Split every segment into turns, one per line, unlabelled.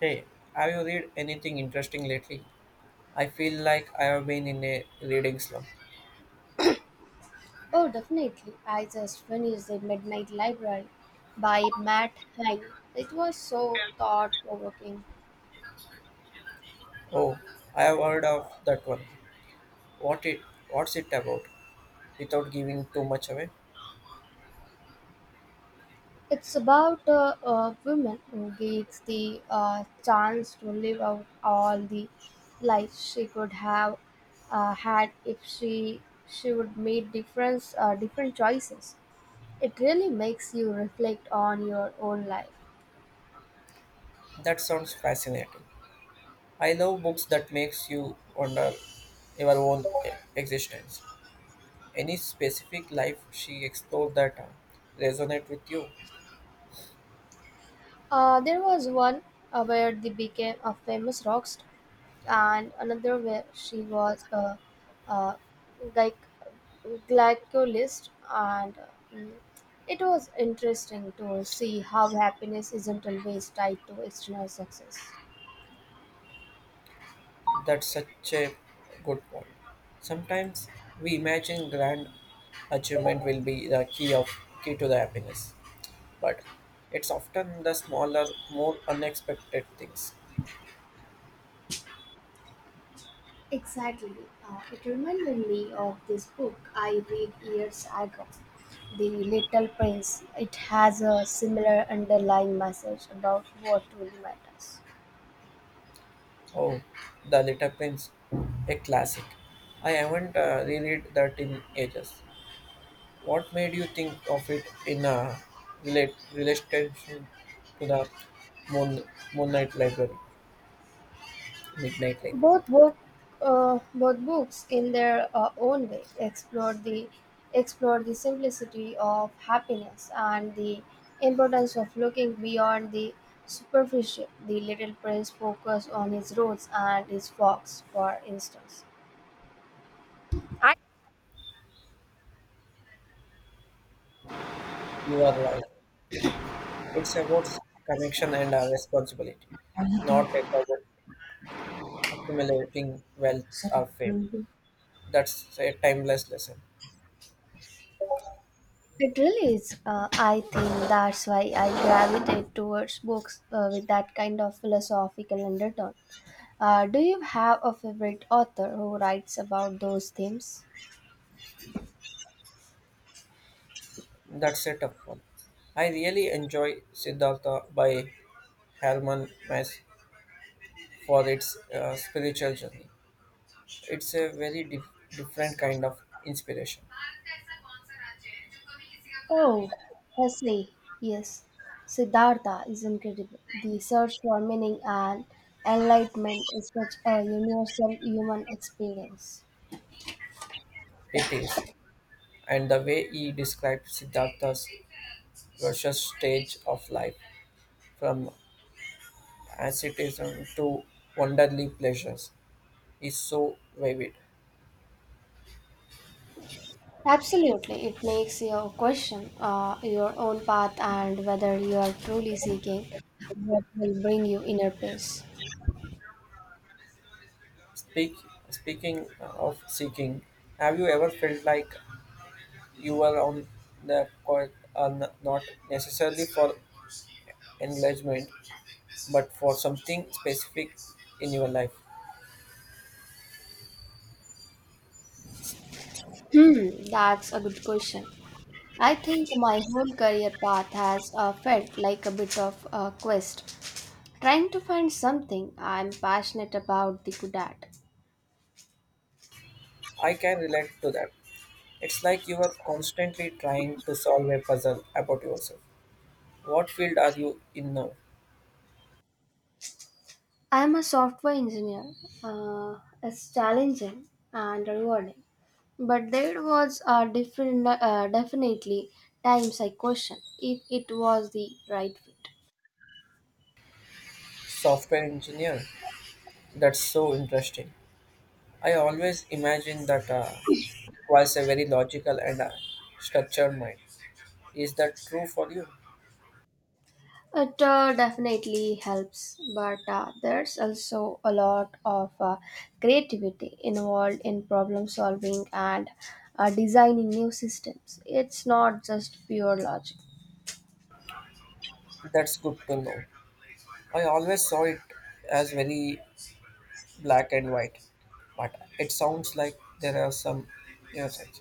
Hey, have you read anything interesting lately? I feel like I have been in a reading slump.
Oh, definitely. I just finished The Midnight Library by Matt Haig. It was so thought provoking.
Oh, I have heard of that one. What it what's it about? Without giving too much away.
It's about a woman who gets the chance to live out all the life she could have had if she would made different choices. It really makes you reflect on your own life.
That sounds fascinating. I love books that makes you wonder your own existence. Any specific life she explored that resonate with you?
There was one where they became a famous rock star. And another where she was a like glycologist and mm, it was interesting to see how happiness isn't always tied to external success.
That's such a good point. Sometimes we imagine grand achievement will be the key of key to the happiness, but it's often the smaller, more unexpected things.
Exactly. It reminded me of this book I read years ago. The Little Prince, it has a similar underlying message about what truly matters.
Oh, The Little Prince, a classic. I haven't reread that in ages. What made you think of it in a relate relation to the Moon, Moonlight Library, Midnight Library?
Both book, both books, in their own way, explore the simplicity of happiness and the importance of looking beyond the superficial. The Little Prince focus on his roads and his fox, for instance.
You are right. It's about connection and responsibility, not about accumulating wealth or fame. That's a timeless lesson.
It really is. I think that's why I gravitate towards books with that kind of philosophical undertone. Do you have a favorite author who writes about those themes?
That's a tough one. I really enjoy Siddhartha by Herman Hesse for its spiritual journey. It's a very different kind of inspiration.
Oh, Hesse, yes. Siddhartha is incredible. The search for meaning and enlightenment is such a universal human experience.
It is, and the way he describes Siddhartha's precious stage of life, from asceticism to wonderly pleasures, is so vivid.
Absolutely, it makes you question your own path and whether you are truly seeking what will bring you inner peace.
Speak, speaking of seeking, have you ever felt like you were on the court, not necessarily for engagement, but for something specific in your life?
Hmm, that's a good question. I think my whole career path has felt like a bit of a quest, trying to find something I'm passionate about the good at.
I can relate to that. It's like you are constantly trying to solve a puzzle about yourself. What field are you in now?
I'm a software engineer. It's challenging and rewarding, but there was a different, definitely times I questioned if it was the right fit.
Software engineer. That's so interesting. I always imagine that was a very logical and structured mind. Is that true for you?
It definitely helps, but there's also a lot of creativity involved in problem solving and designing new systems. It's not just pure logic.
That's good to know. I always saw it as very black and white, but it sounds like there are some nuances.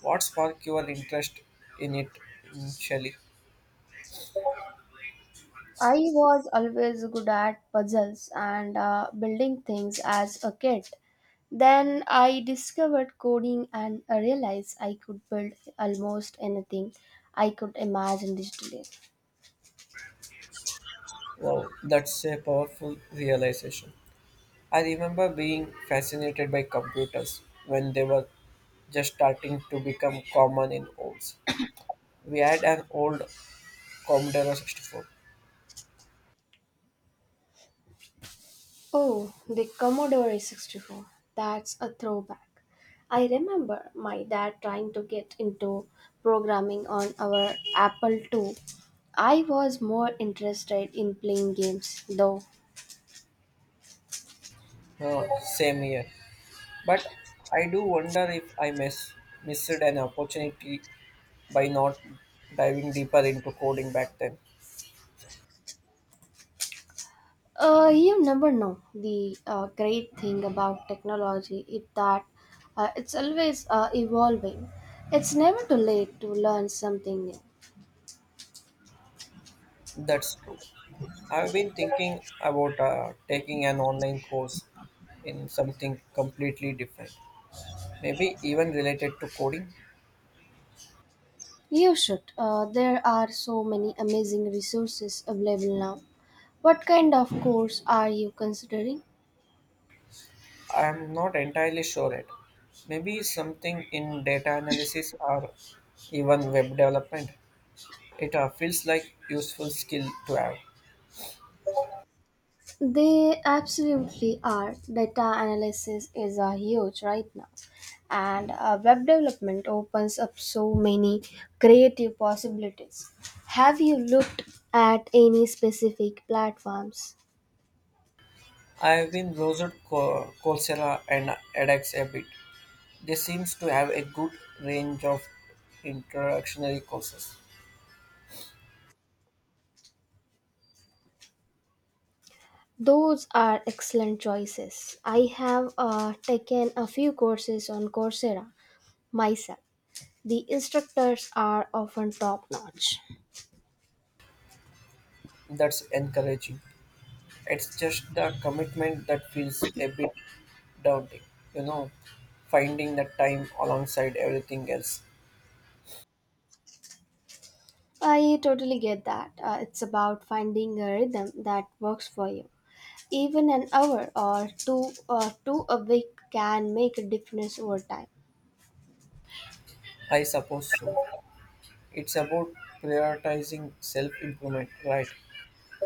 What sparked your interest in it initially?
I was always good at puzzles and building things as a kid. Then I discovered coding and I realized I could build almost anything I could imagine digitally.
Wow, that's a powerful realization. I remember being fascinated by computers when they were just starting to become common in homes. We had an old Commodore 64.
Oh, the Commodore 64. That's a throwback. I remember my dad trying to get into programming on our Apple II. I was more interested in playing games, though.
Same year. But I do wonder if I missed an opportunity by not diving deeper into coding back then.
You never know. The great thing about technology is that it's always evolving. It's never too late to learn something new.
That's true. I've been thinking about taking an online course in something completely different, maybe even related to coding.
You should. There are so many amazing resources available now. What kind of course are you considering?
I'm not entirely sure yet. Maybe something in data analysis or even web development. It feels like useful skill to have.
They absolutely are. Data analysis is huge right now, and web development opens up so many creative possibilities. Have you looked at any specific platforms?
I've been browsed Coursera and edX a bit. They seems to have a good range of introductory courses.
Those are excellent choices. I have taken a few courses on Coursera myself. The instructors are often top notch.
That's encouraging. It's just the commitment that feels a bit daunting, you know, finding the time alongside everything else.
I totally get that. It's about finding a rhythm that works for you. Even an hour or two a week can make a difference over time.
I suppose so. It's about prioritizing self improvement, right?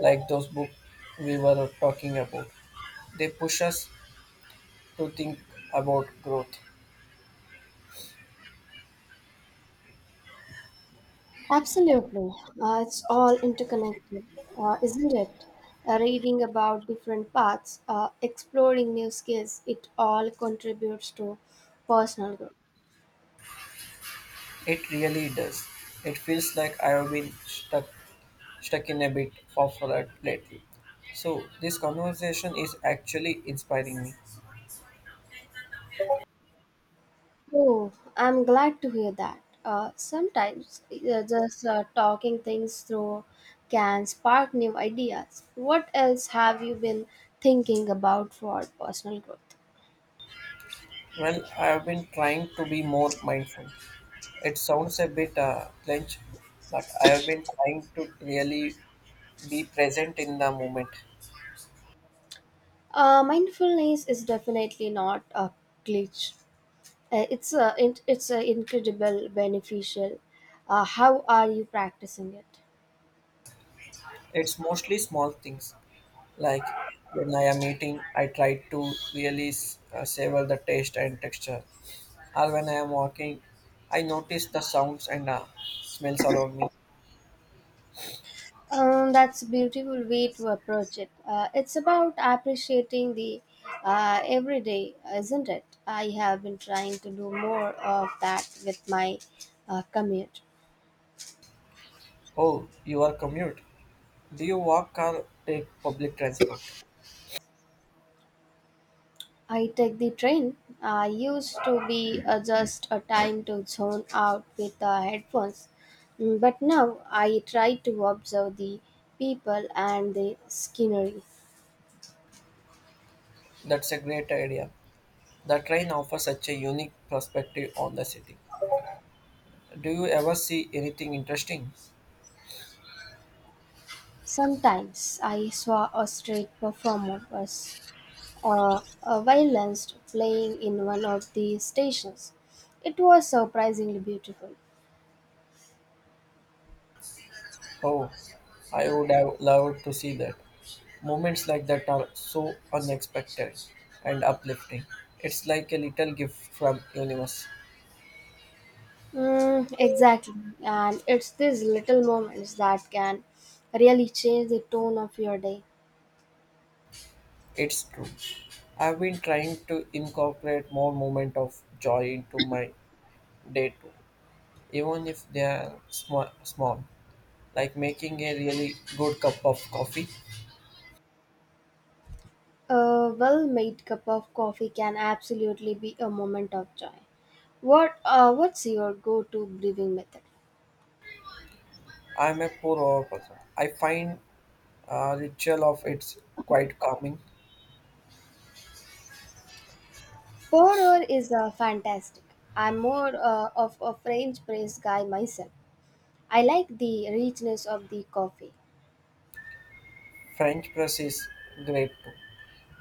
Like those books we were talking about. They push us to think about growth.
Absolutely. It's all interconnected, isn't it? Reading about different paths, exploring new skills, it all contributes to personal growth.
It really does. It feels like I've been stuck in a bit of a rut lately. So this conversation is actually inspiring me.
Oh, I'm glad to hear that. Sometimes just talking things through can spark new ideas. What else have you been thinking about for personal growth?
Well, I've been trying to be more mindful. It sounds a bit clench, but I have been trying to really be present in the moment.
Mindfulness is definitely not a glitch. It's a, it, it's a incredible beneficial. How are you practicing it?
It's mostly small things like when I am eating, I try to really savor the taste and texture. Or when I am walking, I notice the sounds and smells around me.
That's a beautiful way to approach it. It's about appreciating the everyday, isn't it? I have been trying to do more of that with my commute.
Oh, your commute. Do you walk or take public transport?
I take the train. I used to be just a time to zone out with the headphones, but now I try to observe the people and the scenery.
That's a great idea. The train offers such a unique perspective on the city. Do you ever see anything interesting?
Sometimes I saw a street performer was a violinist playing in one of the stations. It was surprisingly beautiful.
Oh, I would have loved to see that. Moments like that are so unexpected and uplifting. It's like a little gift from universe.
Mm, exactly. And it's these little moments that can really change the tone of your day.
It's true. I've been trying to incorporate more moment of joy into my day too, even if they are small, like making a really good cup of coffee.
A well made cup of coffee can absolutely be a moment of joy. What's your go-to brewing method?
I'm a poor hour person. I find ritual of it's quite calming.
Pourer is fantastic. I'm more of a French press guy myself. I like the richness of the coffee.
French press is great too.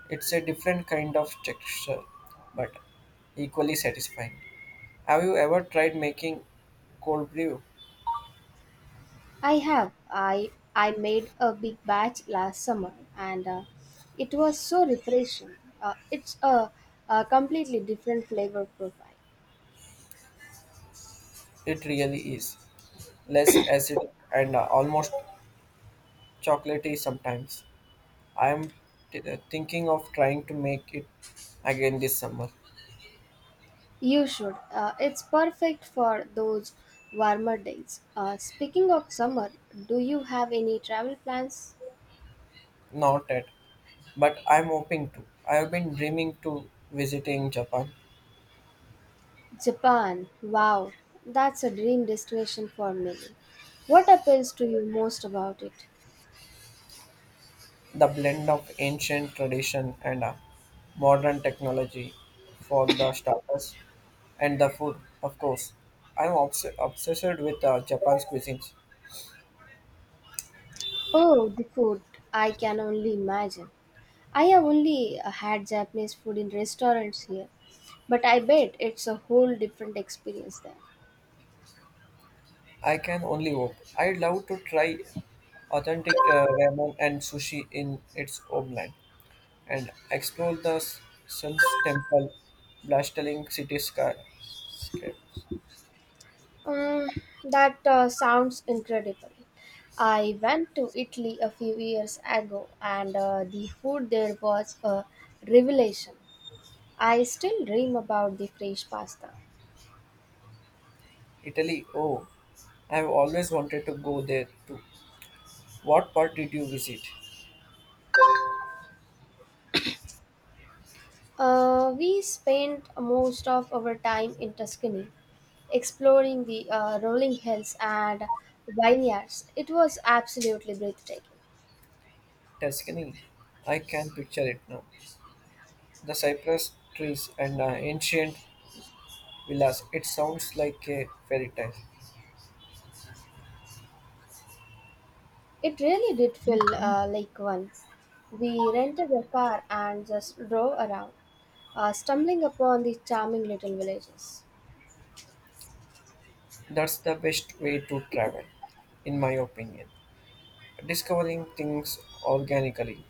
It's a different kind of texture, but equally satisfying. Have you ever tried making cold brew?
I have I made a big batch last summer and it was so refreshing. It's a completely different flavor profile.
It really is. Less acidic and almost chocolatey sometimes. I am thinking of trying to make it again this summer.
You should. It's perfect for those warmer days. Speaking of summer, do you have any travel plans?
Not yet, but I'm hoping to. I have been dreaming to visiting Japan.
Japan. Wow, that's a dream destination for many. What appeals to you most about it?
The blend of ancient tradition and modern technology for the starters and the food, of course. I'm obsessed with Japan's cuisines.
Oh, the food. I can only imagine. I have only had Japanese food in restaurants here, but I bet it's a whole different experience there.
I can only hope. I'd love to try authentic ramen and sushi in its homeland and explore the Sun's Temple, blustering cityscape.
Um, that sounds incredible. I went to Italy a few years ago, and the food there was a revelation. I still dream about the fresh pasta.
Italy, oh, I've always wanted to go there too. What part did you visit?
We spent most of our time in Tuscany, exploring the rolling hills and vineyards. It was absolutely breathtaking.
Tuscany. I can picture it now. The cypress trees and ancient villas. It sounds like a fairy tale.
It really did feel like one. We rented a car and just drove around, stumbling upon the charming little villages.
That's the best way to travel, in my opinion. Discovering things organically.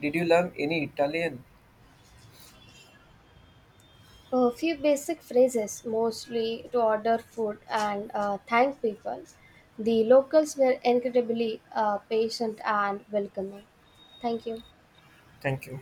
Did you learn any Italian?
A few basic phrases, mostly to order food and thank people. The locals were incredibly patient and welcoming. Thank you.
Thank you.